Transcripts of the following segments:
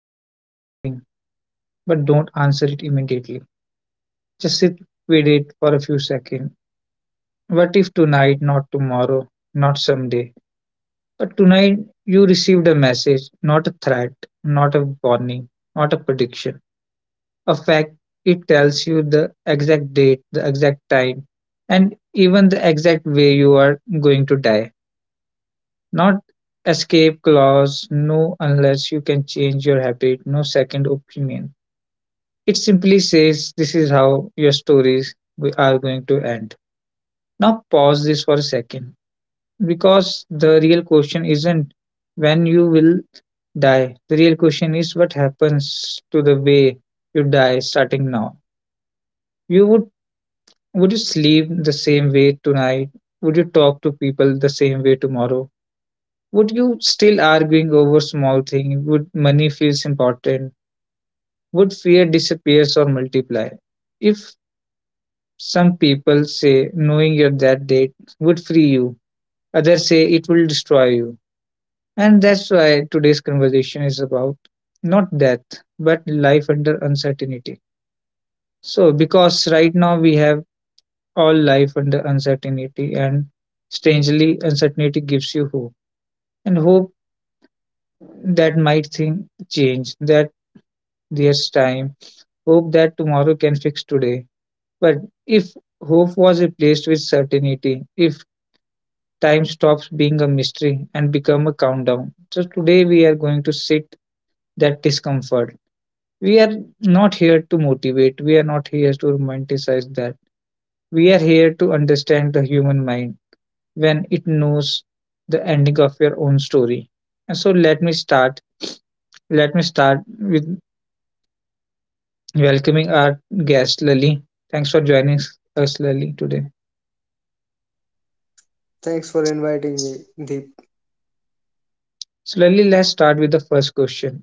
ask you something, but don't answer it immediately. Just sit with it for a few seconds. What if tonight, not tomorrow, not someday, but tonight you received a message, not a threat, not a warning, not a prediction, a fact? It tells you the exact date, the exact time, and even the exact way you are going to die. Not escape clause, no unless you can change your habit, no second opinion. It simply says this is how your are going to end. Now pause this for a second, because the real question isn't when you will die. The real question is what happens to the way you die starting now. You Would you sleep the same way tonight? Would you talk to people the same way tomorrow? Would you still arguing over small things? Would money feels important? Would fear disappears or multiply? If some people say knowing your that date would free you, others say it will destroy you. And that's why today's conversation is about not death, but life under uncertainty. So because right now we have all life under uncertainty, and strangely uncertainty gives you hope. And hope that might thing change, that there's time. Hope that tomorrow can fix today. But if hope was replaced with certainty, if time stops being a mystery and become a countdown. So today we are going to sit that discomfort. We are not here to motivate, we are not here to romanticize that. We are here to understand the human mind when it knows the ending of your own story. And so let me start. Let me start with welcoming our guest Lily. Thanks for joining us, Lily, today. Thanks for inviting me, Deep. Slowly, let's start with the first question.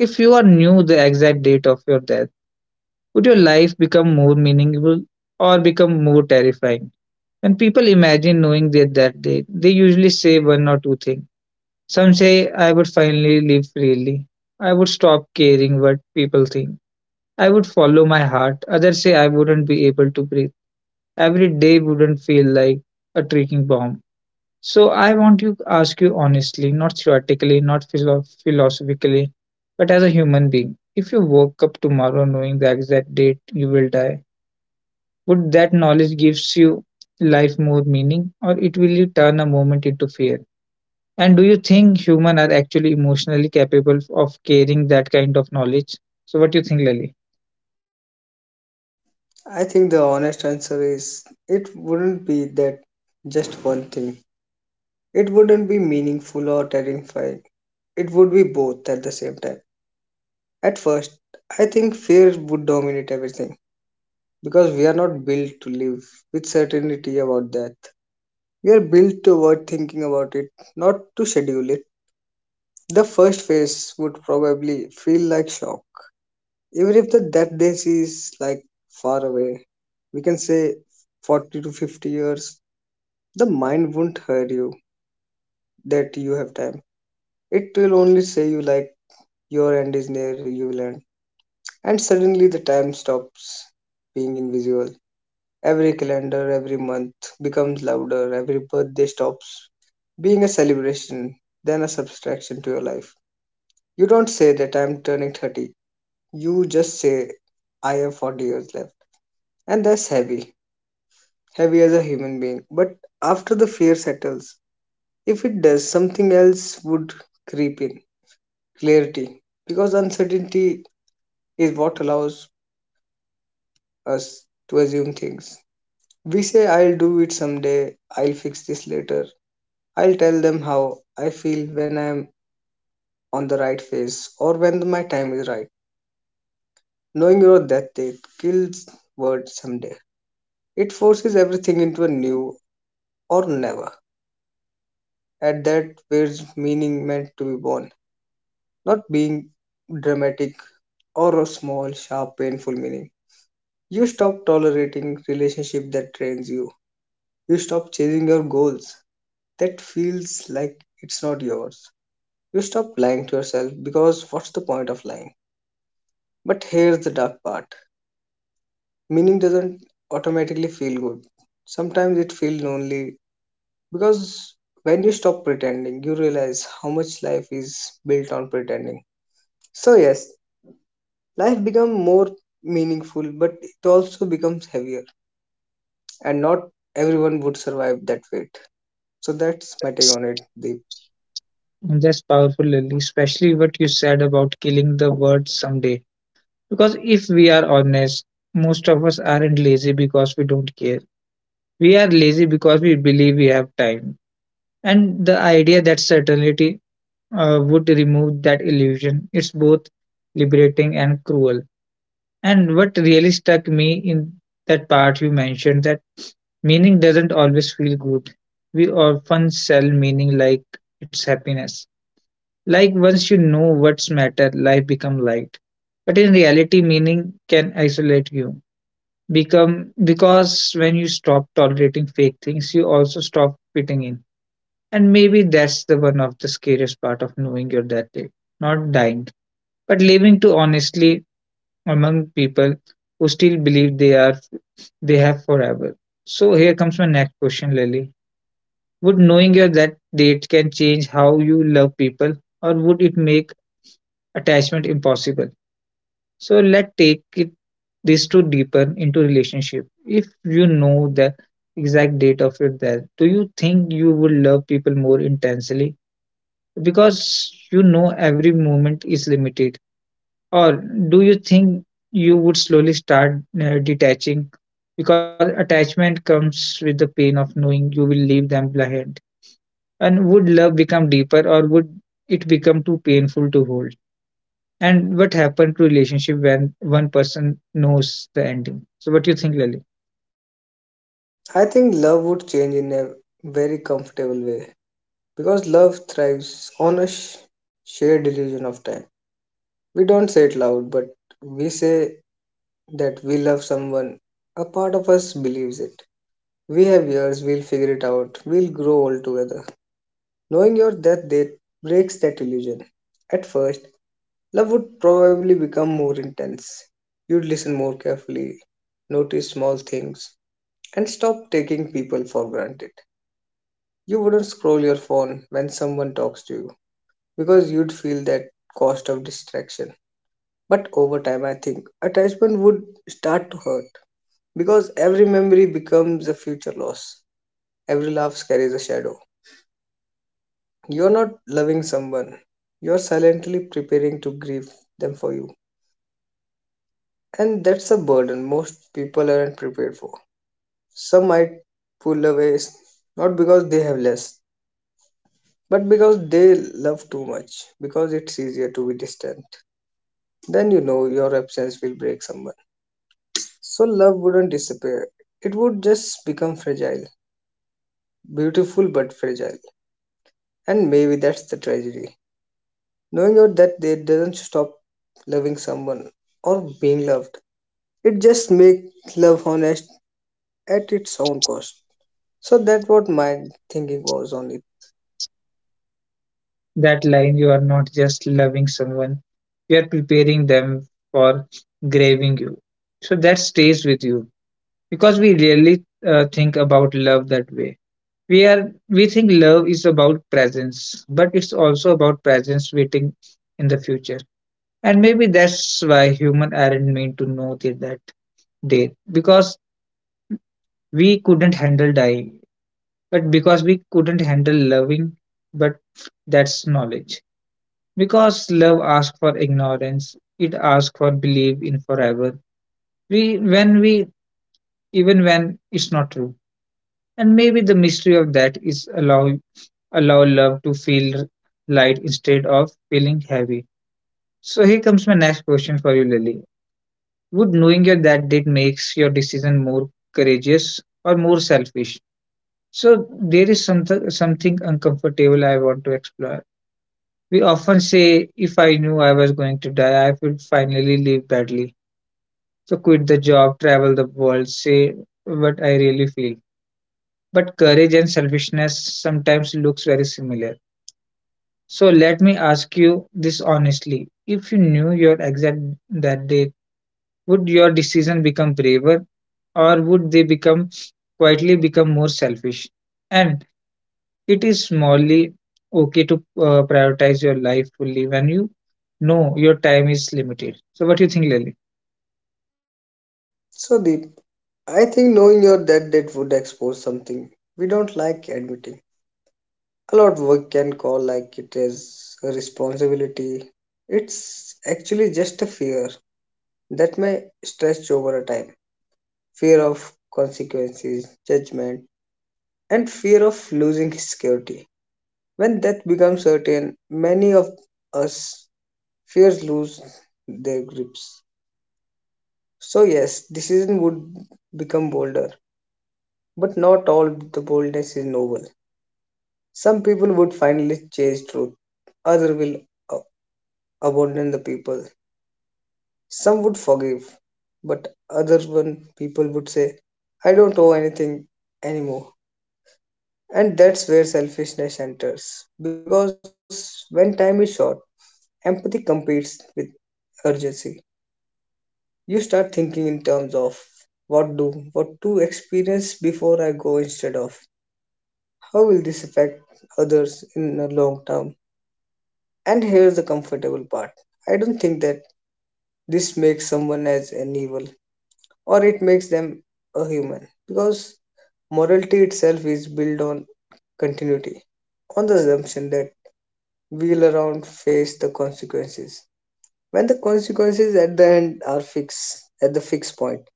If you are knew the exact date of your death, would your life become more meaningful or become more terrifying? When people imagine knowing their that date, they usually say one or two things. Some say, I would finally live freely. I would stop caring what people think. I would follow my heart. Others say, I wouldn't be able to breathe. Every day wouldn't feel like a ticking bomb. So I want to ask you honestly, not theoretically, not philo- philosophically, but as a human being, if you woke up tomorrow knowing the exact date you will die, would that knowledge gives you life more meaning, or it will turn a moment into fear? And do you think human are actually emotionally capable of carrying that kind of knowledge? So what do you think, Lily? I think the honest answer is it wouldn't be that just one thing. It wouldn't be meaningful or terrifying. It would be both at the same time. At first, I think fear would dominate everything because we are not built to live with certainty about death. We are built to avoid thinking about it, not to schedule it. The first phase would probably feel like shock. Even if the that day is like far away, we can say 40 to 50 years, the mind won't hurt you that you have time. It will only say you like your end is near, you will end. And suddenly the time stops being invisible. Every calendar, every month becomes louder, every birthday stops being a celebration, then a subtraction to your life. You don't say that I'm turning 30. You just say, I have 40 years left. And that's heavy, heavy as a human being. But after the fear settles, if it does, something else would creep in: clarity. Because uncertainty is what allows us to assume things. We say, I'll do it someday, I'll fix this later, I'll tell them how I feel when I'm on the right phase or when my time is right. Knowing your death date kills word someday. It forces everything into a new or never. At that, where's meaning meant to be born? Not being dramatic, or a small, sharp, painful meaning. You stop tolerating relationship that drains you. You stop chasing your goals that feels like it's not yours. You stop lying to yourself because what's the point of lying? But here's the dark part. Meaning doesn't automatically feel good. Sometimes it feels lonely because when you stop pretending, you realize how much life is built on pretending. So yes, life becomes more meaningful, but it also becomes heavier, and not everyone would survive that weight. So that's my take on it, Deep. That's powerful, Lily. Especially what you said about killing the word someday. Because if we are honest, most of us aren't lazy because we don't care. We are lazy because we believe we have time. And the idea that certainty would remove that illusion, it's both liberating and cruel. And what really stuck me in that part you mentioned that meaning doesn't always feel good. We often sell meaning like it's happiness. Like once you know what's matter, life become light. But in reality, meaning can isolate you become because when you stop tolerating fake things you also stop fitting in, and maybe that's the one of the scariest part of knowing you're that day, not dying but living to honestly among people who still believe they have forever. So here comes my next question, Lily. Would knowing your that date can change how you love people, or would it make attachment impossible? So let's take it this to deepen into relationship. If you know the exact date of your death, do you think you would love people more intensely because you know every moment is limited, or do you think you would slowly start detaching because attachment comes with the pain of knowing you will leave them behind? And would love become deeper, or would it become too painful to hold? And what happened to relationship when one person knows the ending? So what do you think, Lily? I think love would change in a very comfortable way because love thrives on a shared illusion of time. We don't say it loud, but we say that we love someone. A part of us believes it. We have years, we'll figure it out, we'll grow all together. Knowing your death date breaks that illusion. At first, love would probably become more intense. You'd listen more carefully, notice small things, and stop taking people for granted. You wouldn't scroll your phone when someone talks to you because you'd feel that cost of distraction. But over time, I think attachment would start to hurt because every memory becomes a future loss. Every laugh carries a shadow. You're not loving someone, you're silently preparing to grieve them for you. And that's a burden most people aren't prepared for. Some might pull away, not because they have less, but because they love too much, because it's easier to be distant. Then you know your absence will break someone. So love wouldn't disappear, it would just become fragile. Beautiful but fragile. And maybe that's the tragedy. Knowing out that they doesn't stop loving someone or being loved, it just makes love honest at its own cost. So that what my thinking was on it. That line you are not just loving someone, you are preparing them for grieving you. So that stays with you, because we rarely think about love that way. We think love is about presence, but it's also about presence waiting in the future. And maybe that's why human aren't meant to know that that day, because we couldn't handle dying but because we couldn't handle loving, but that's knowledge. Because love asks for ignorance, it asks for belief in forever. We When we, even when it's not true. And maybe the mystery of that is allow love to feel light instead of feeling heavy. So here comes my next question for you, Lily. Would knowing your that date makes your decision more courageous or more selfish? So there is something uncomfortable I want to explore. We often say, if I knew I was going to die, I would finally leave badly. So quit the job, travel the world, say what I really feel. But courage and selfishness sometimes looks very similar. So let me ask you this honestly. If you knew your exact that day, would your decision become braver, or would they become quietly become more selfish? And it is morally okay to prioritize your life fully when you know your time is limited. So, what do you think, Lily? So the I think knowing your dead date would expose something we don't like admitting. A lot we can call like it as a responsibility. It's actually just a fear that may stretch over a time. Fear of consequences, judgment, and fear of losing security. When death becomes certain, many of us fears lose their grips. So yes, decision would become bolder. But not all the boldness is noble. Some people would finally chase truth, others will a- abandon the people. Some would forgive, but other one people would say, I don't owe anything anymore. And that's where selfishness enters. Because when time is short, empathy competes with urgency. You start thinking in terms of what to experience before I go, instead of how will this affect others in the long term. And here's the comfortable part. I don't think that this makes someone as an evil, or it makes them a human, because morality itself is built on continuity, on the assumption that we'll around face the consequences. When the consequences at the end are fixed, at the fixed point,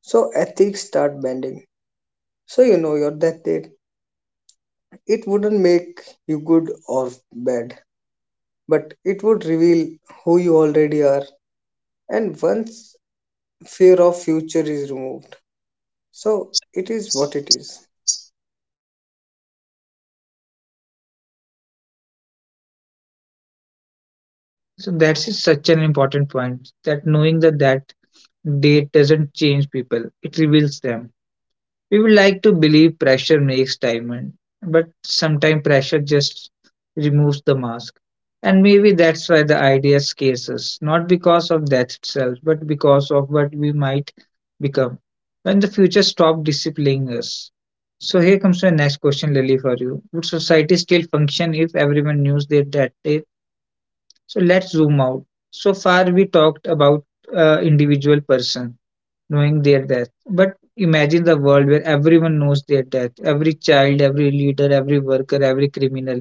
so ethics start bending. So you know your death date. It wouldn't make you good or bad, but it would reveal who you already are. And once fear of future is removed. So it is what it is. So, that's is such an important point that knowing that that date doesn't change people, it reveals them. We would like to believe pressure makes diamond, but sometimes pressure just removes the mask. And maybe that's why the idea scares us, not because of death itself, but because of what we might become when the future stops disciplining us. So here comes my next question, Lily, for you. Would society still function if everyone knew their death date? So let's zoom out. So far, we talked about individual person knowing their death. But imagine the world where everyone knows their death every child, every leader, every worker, every criminal.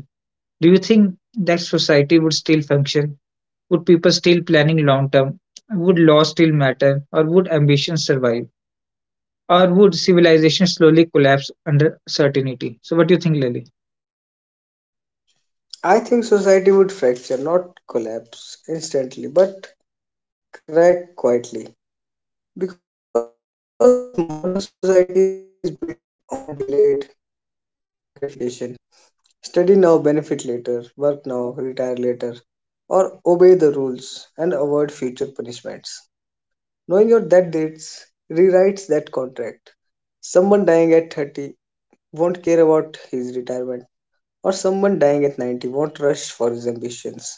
Do you think that society would still function? Would people still planning long term? Would law still matter? Or would ambition survive? Or would civilization slowly collapse under certainty? So, what do you think, Lily? I think society would fracture, not collapse instantly, but crack quietly. Because modern society is built on delayed gratification. Study now, benefit later, work now, retire later, or obey the rules and avoid future punishments. Knowing your death dates rewrites that contract. Someone dying at 30 won't care about his retirement, or someone dying at 90 won't rush for his ambitions.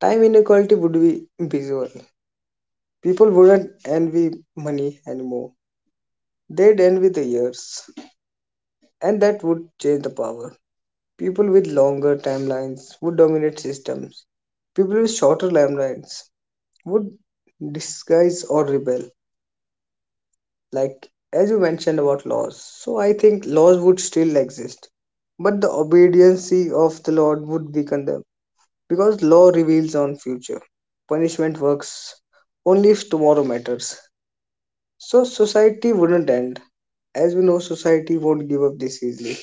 Time inequality would be visual. People wouldn't envy money anymore. They'd envy the years. And that would change the power. People with longer timelines would dominate systems. People with shorter timelines would disguise or rebel. Like as you mentioned about laws. So I think laws would still exist. But the obedience of the Lord would weaken them, because law reveals on future. Punishment works only if tomorrow matters. So society wouldn't end. As we know, society won't give up this easily.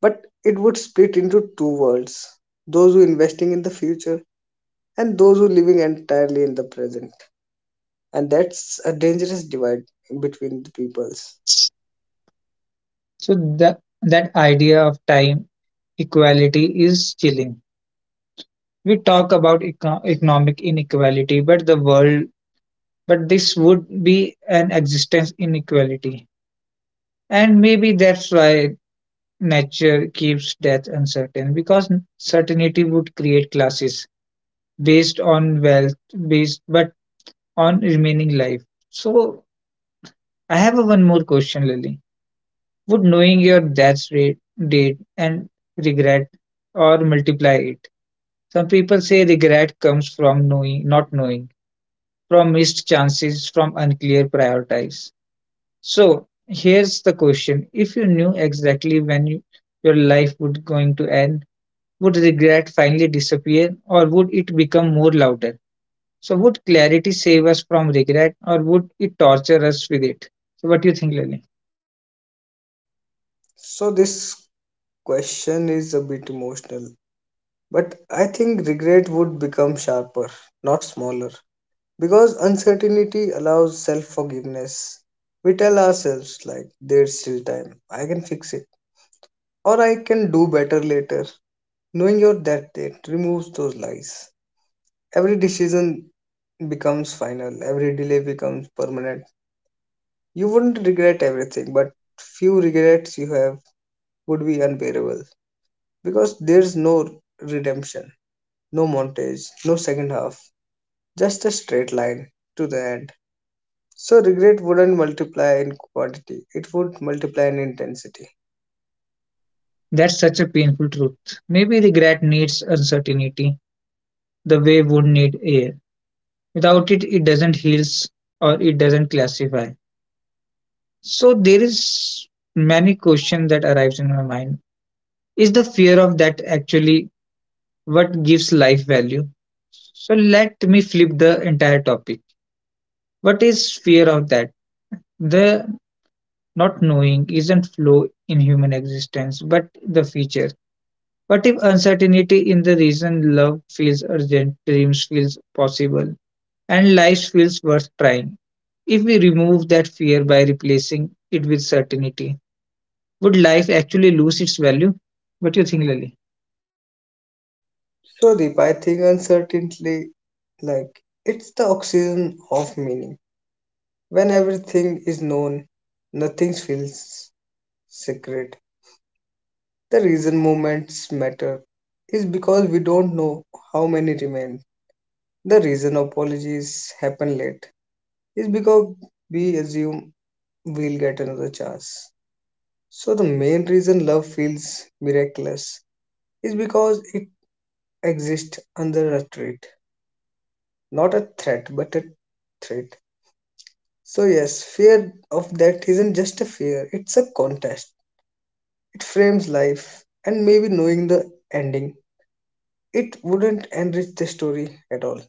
But it would split into two worlds: those who investing in the future and those who living entirely in the present. And that's a dangerous divide between the peoples. So, that idea of time equality is chilling. We talk about economic inequality, but the world but this would be an existence inequality. And maybe that's why nature keeps death uncertain, because certainty would create classes based on wealth, based but on remaining life. So I have a one more question, Lily. Would knowing your date and regret or multiply it? Some people say regret comes from knowing, not knowing, from missed chances, from unclear priorities. So here's the question: If you knew exactly your life would going to end, would regret finally disappear, or would it become more louder? So would clarity save us from regret, or would it torture us with it? So what do you think, Lily? So this question is a bit emotional. But I think regret would become sharper, not smaller, because uncertainty allows self forgiveness. We tell ourselves, like, there's still time, I can fix it, or I can do better later. Knowing your that date removes those lies. Every decision becomes final, every delay becomes permanent. You wouldn't regret everything, but few regrets you have would be unbearable because there's no redemption, no montage, no second half, just a straight line to the end. So regret wouldn't multiply in quantity, it would multiply in intensity. That's such a painful truth. Maybe regret needs uncertainty, the way wood need air. Without it, it doesn't heals or it doesn't classify. So there is many question that arrives in my mind. Is the fear of that actually what gives life value? So let me flip the entire topic. What is fear of that? The not knowing isn't flaw in human existence, but the feature. What if uncertainty in the reason love feels urgent, dreams feels possible, and life feels worth trying? If we remove that fear by replacing it with certainty, would life actually lose its value? What do you think, Lily? So Deep, I think uncertainty, like, it's the oxygen of meaning. When everything is known, nothing feels secret. The reason moments matter is because we don't know how many remain. The reason apologies happen late is because we assume we'll get another chance. So the main reason love feels miraculous is because it exists under a threat, not a threat, but a threat. So, yes, fear of death isn't just a fear, it's a contest. It frames life, and maybe knowing the ending, it wouldn't enrich the story at all.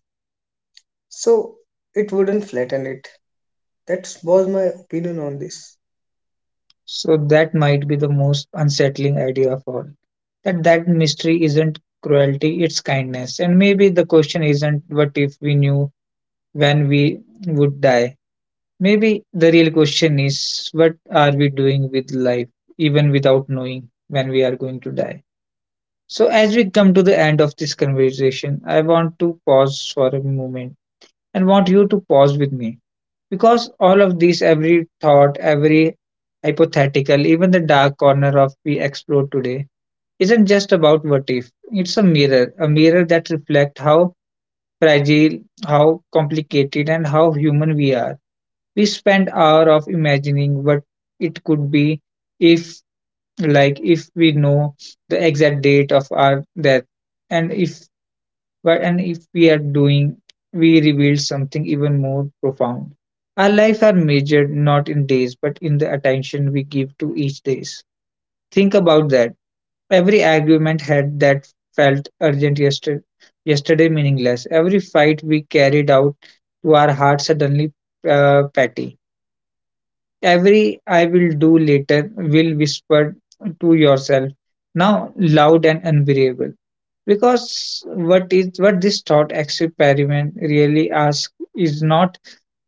So, it wouldn't flatten it. That was my opinion on this. So that might be the most unsettling idea of all. That that mystery isn't cruelty, it's kindness. And maybe the question isn't what if we knew when we would die. Maybe the real question is what are we doing with life even without knowing when we are going to die. So as we come to the end of this conversation, I want to pause for a moment and want you to pause with me, because all of these, every thought, every hypothetical, even the dark corner of we explore today, isn't just about what if. It's a mirror that reflects how fragile, how complicated, and how human we are. We spend hours of imagining what it could be if, like, if we know the exact date of our death, and if but and if we are doing, we reveal something even more profound. Our lives are measured not in days, but in the attention we give to each day. Think about that. Every argument had that felt urgent yesterday, yesterday meaningless. Every fight we carried out to our heart suddenly petty. Every I will do later will whisper to yourself now loud and unbearable because what this thought experiment really asks is not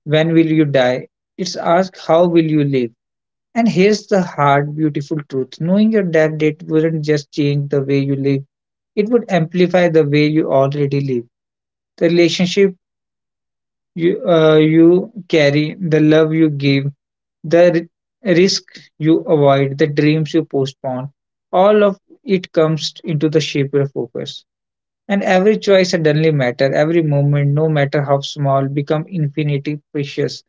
when will you die, it's asked how will you live. And here's the hard, beautiful truth: knowing your death date wouldn't just change the way you live, it would amplify the way you already live. The relationship you carry, the love you give, the risk you avoid, the dreams you postpone, all of it comes into the shape of focus, and every choice suddenly matter, every moment, no matter how small, become infinitely precious.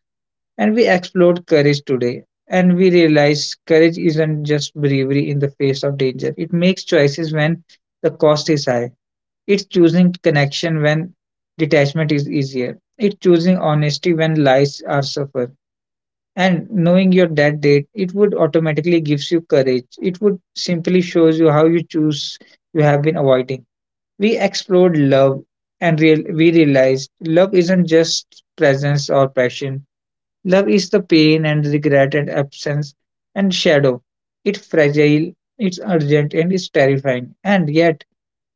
And we explored courage today. And we realize courage isn't just bravery in the face of danger. It makes choices when the cost is high. It's choosing connection when detachment is easier. It's choosing honesty when lies are suffer. And knowing your dead date, it would automatically gives you courage. It would simply shows you how you choose you have been avoiding. We explored love and real, we realized love isn't just presence or passion. Love is the pain and regret and absence and shadow. It's fragile, it's urgent, and it's terrifying. And yet,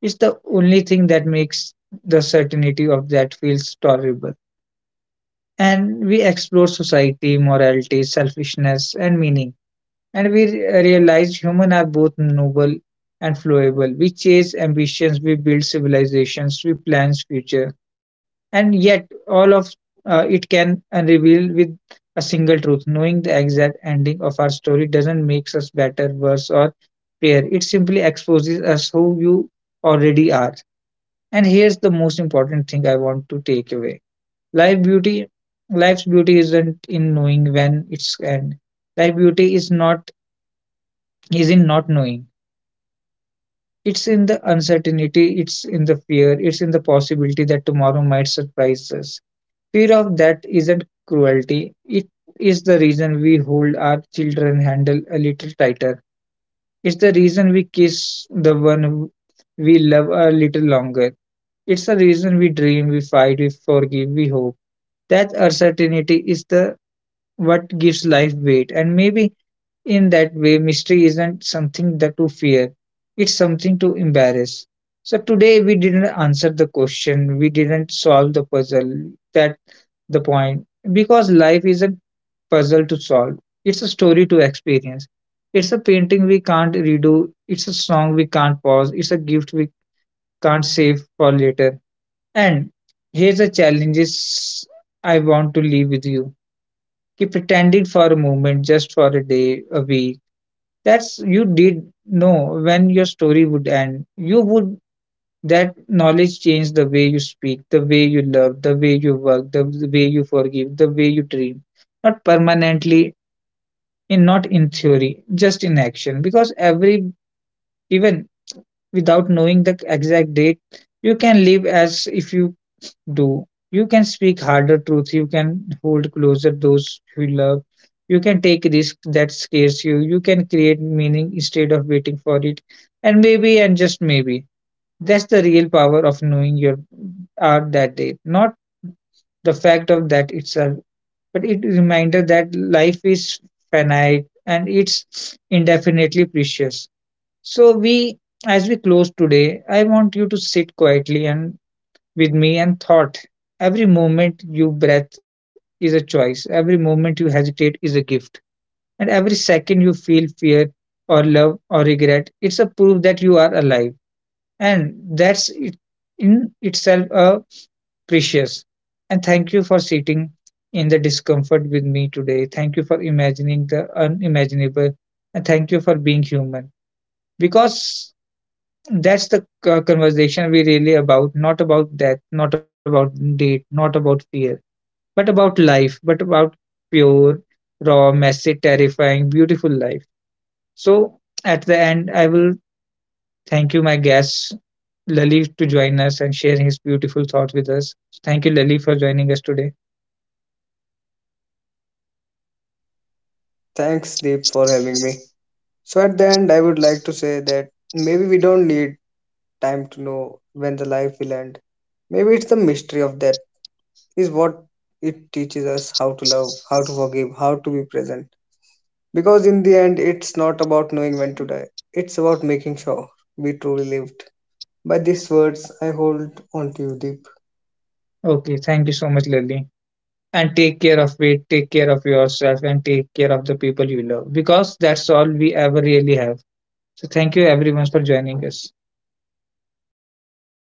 it's the only thing that makes the certainty of that feels tolerable. And we explore society, morality, selfishness, and meaning, and we realize humans are both noble and flowable. We chase ambitions, we build civilizations, we plan future, and yet all of it can unreveal with a single truth. Knowing the exact ending of our story doesn't make us better, worse, or fair. It simply exposes us who you already are. And here's the most important thing I want to take away: life beauty. Life's beauty isn't in knowing when it's end. Life beauty is in not knowing. It's in the uncertainty, it's in the fear, it's in the possibility that tomorrow might surprise us. Fear of that isn't cruelty, it is the reason we hold our children handle a little tighter. It's the reason we kiss the one we love a little longer. It's the reason we dream, we fight, we forgive, we hope. That uncertainty is the what gives life weight, and maybe in that way, mystery isn't something that to fear, it's something to embarrass. So today we didn't answer the question, we didn't solve the puzzle. That the point. Because life is a puzzle to solve. It's a story to experience. It's a painting we can't redo. It's a song we can't pause. It's a gift we can't save for later. And here's the challenges I want to leave with you. Keep pretending for a moment, just for a day, a week, that's you did know when your story would end. You would that knowledge change the way you speak, the way you love, the way you work, the way you forgive, the way you dream. Not permanently, in not in theory, just in action. Because every even without knowing the exact date, you can live as if you do. You can speak harder truth. You can hold closer those you love. You can take risks that scares you. You can create meaning instead of waiting for it. And maybe, and just maybe, that's the real power of knowing your art that day. Not the fact of that itself, but it reminder that life is finite and it's indefinitely precious. So we, as we close today, I want you to sit quietly and with me and thought every moment you breath is a choice, every moment you hesitate is a gift, and every second you feel fear or love or regret, it's a proof that you are alive. And that's it- in itself a precious. And thank you for sitting in the discomfort with me today. Thank you for imagining the unimaginable. And thank you for being human. Because that's the conversation we really about, not about death, not about date, not about fear, but about life, but about pure, raw, messy, terrifying, beautiful life. So at the end, I will thank you, my guest Lalit, to join us and share his beautiful thoughts with us. Thank you, Lalit, for joining us today. Thanks, Deep, for having me. So, at the end, I would like to say that maybe we don't need time to know when the life will end. Maybe it's the mystery of death, is what it teaches us how to love, how to forgive, how to be present. Because in the end, it's not about knowing when to die, it's about making sure we truly lived. By these words, I hold on to you, Deep. Okay, thank you so much, Lalit. And take care of it, take care of yourself, and take care of the people you love because that's all we ever really have. So, thank you, everyone, for joining us.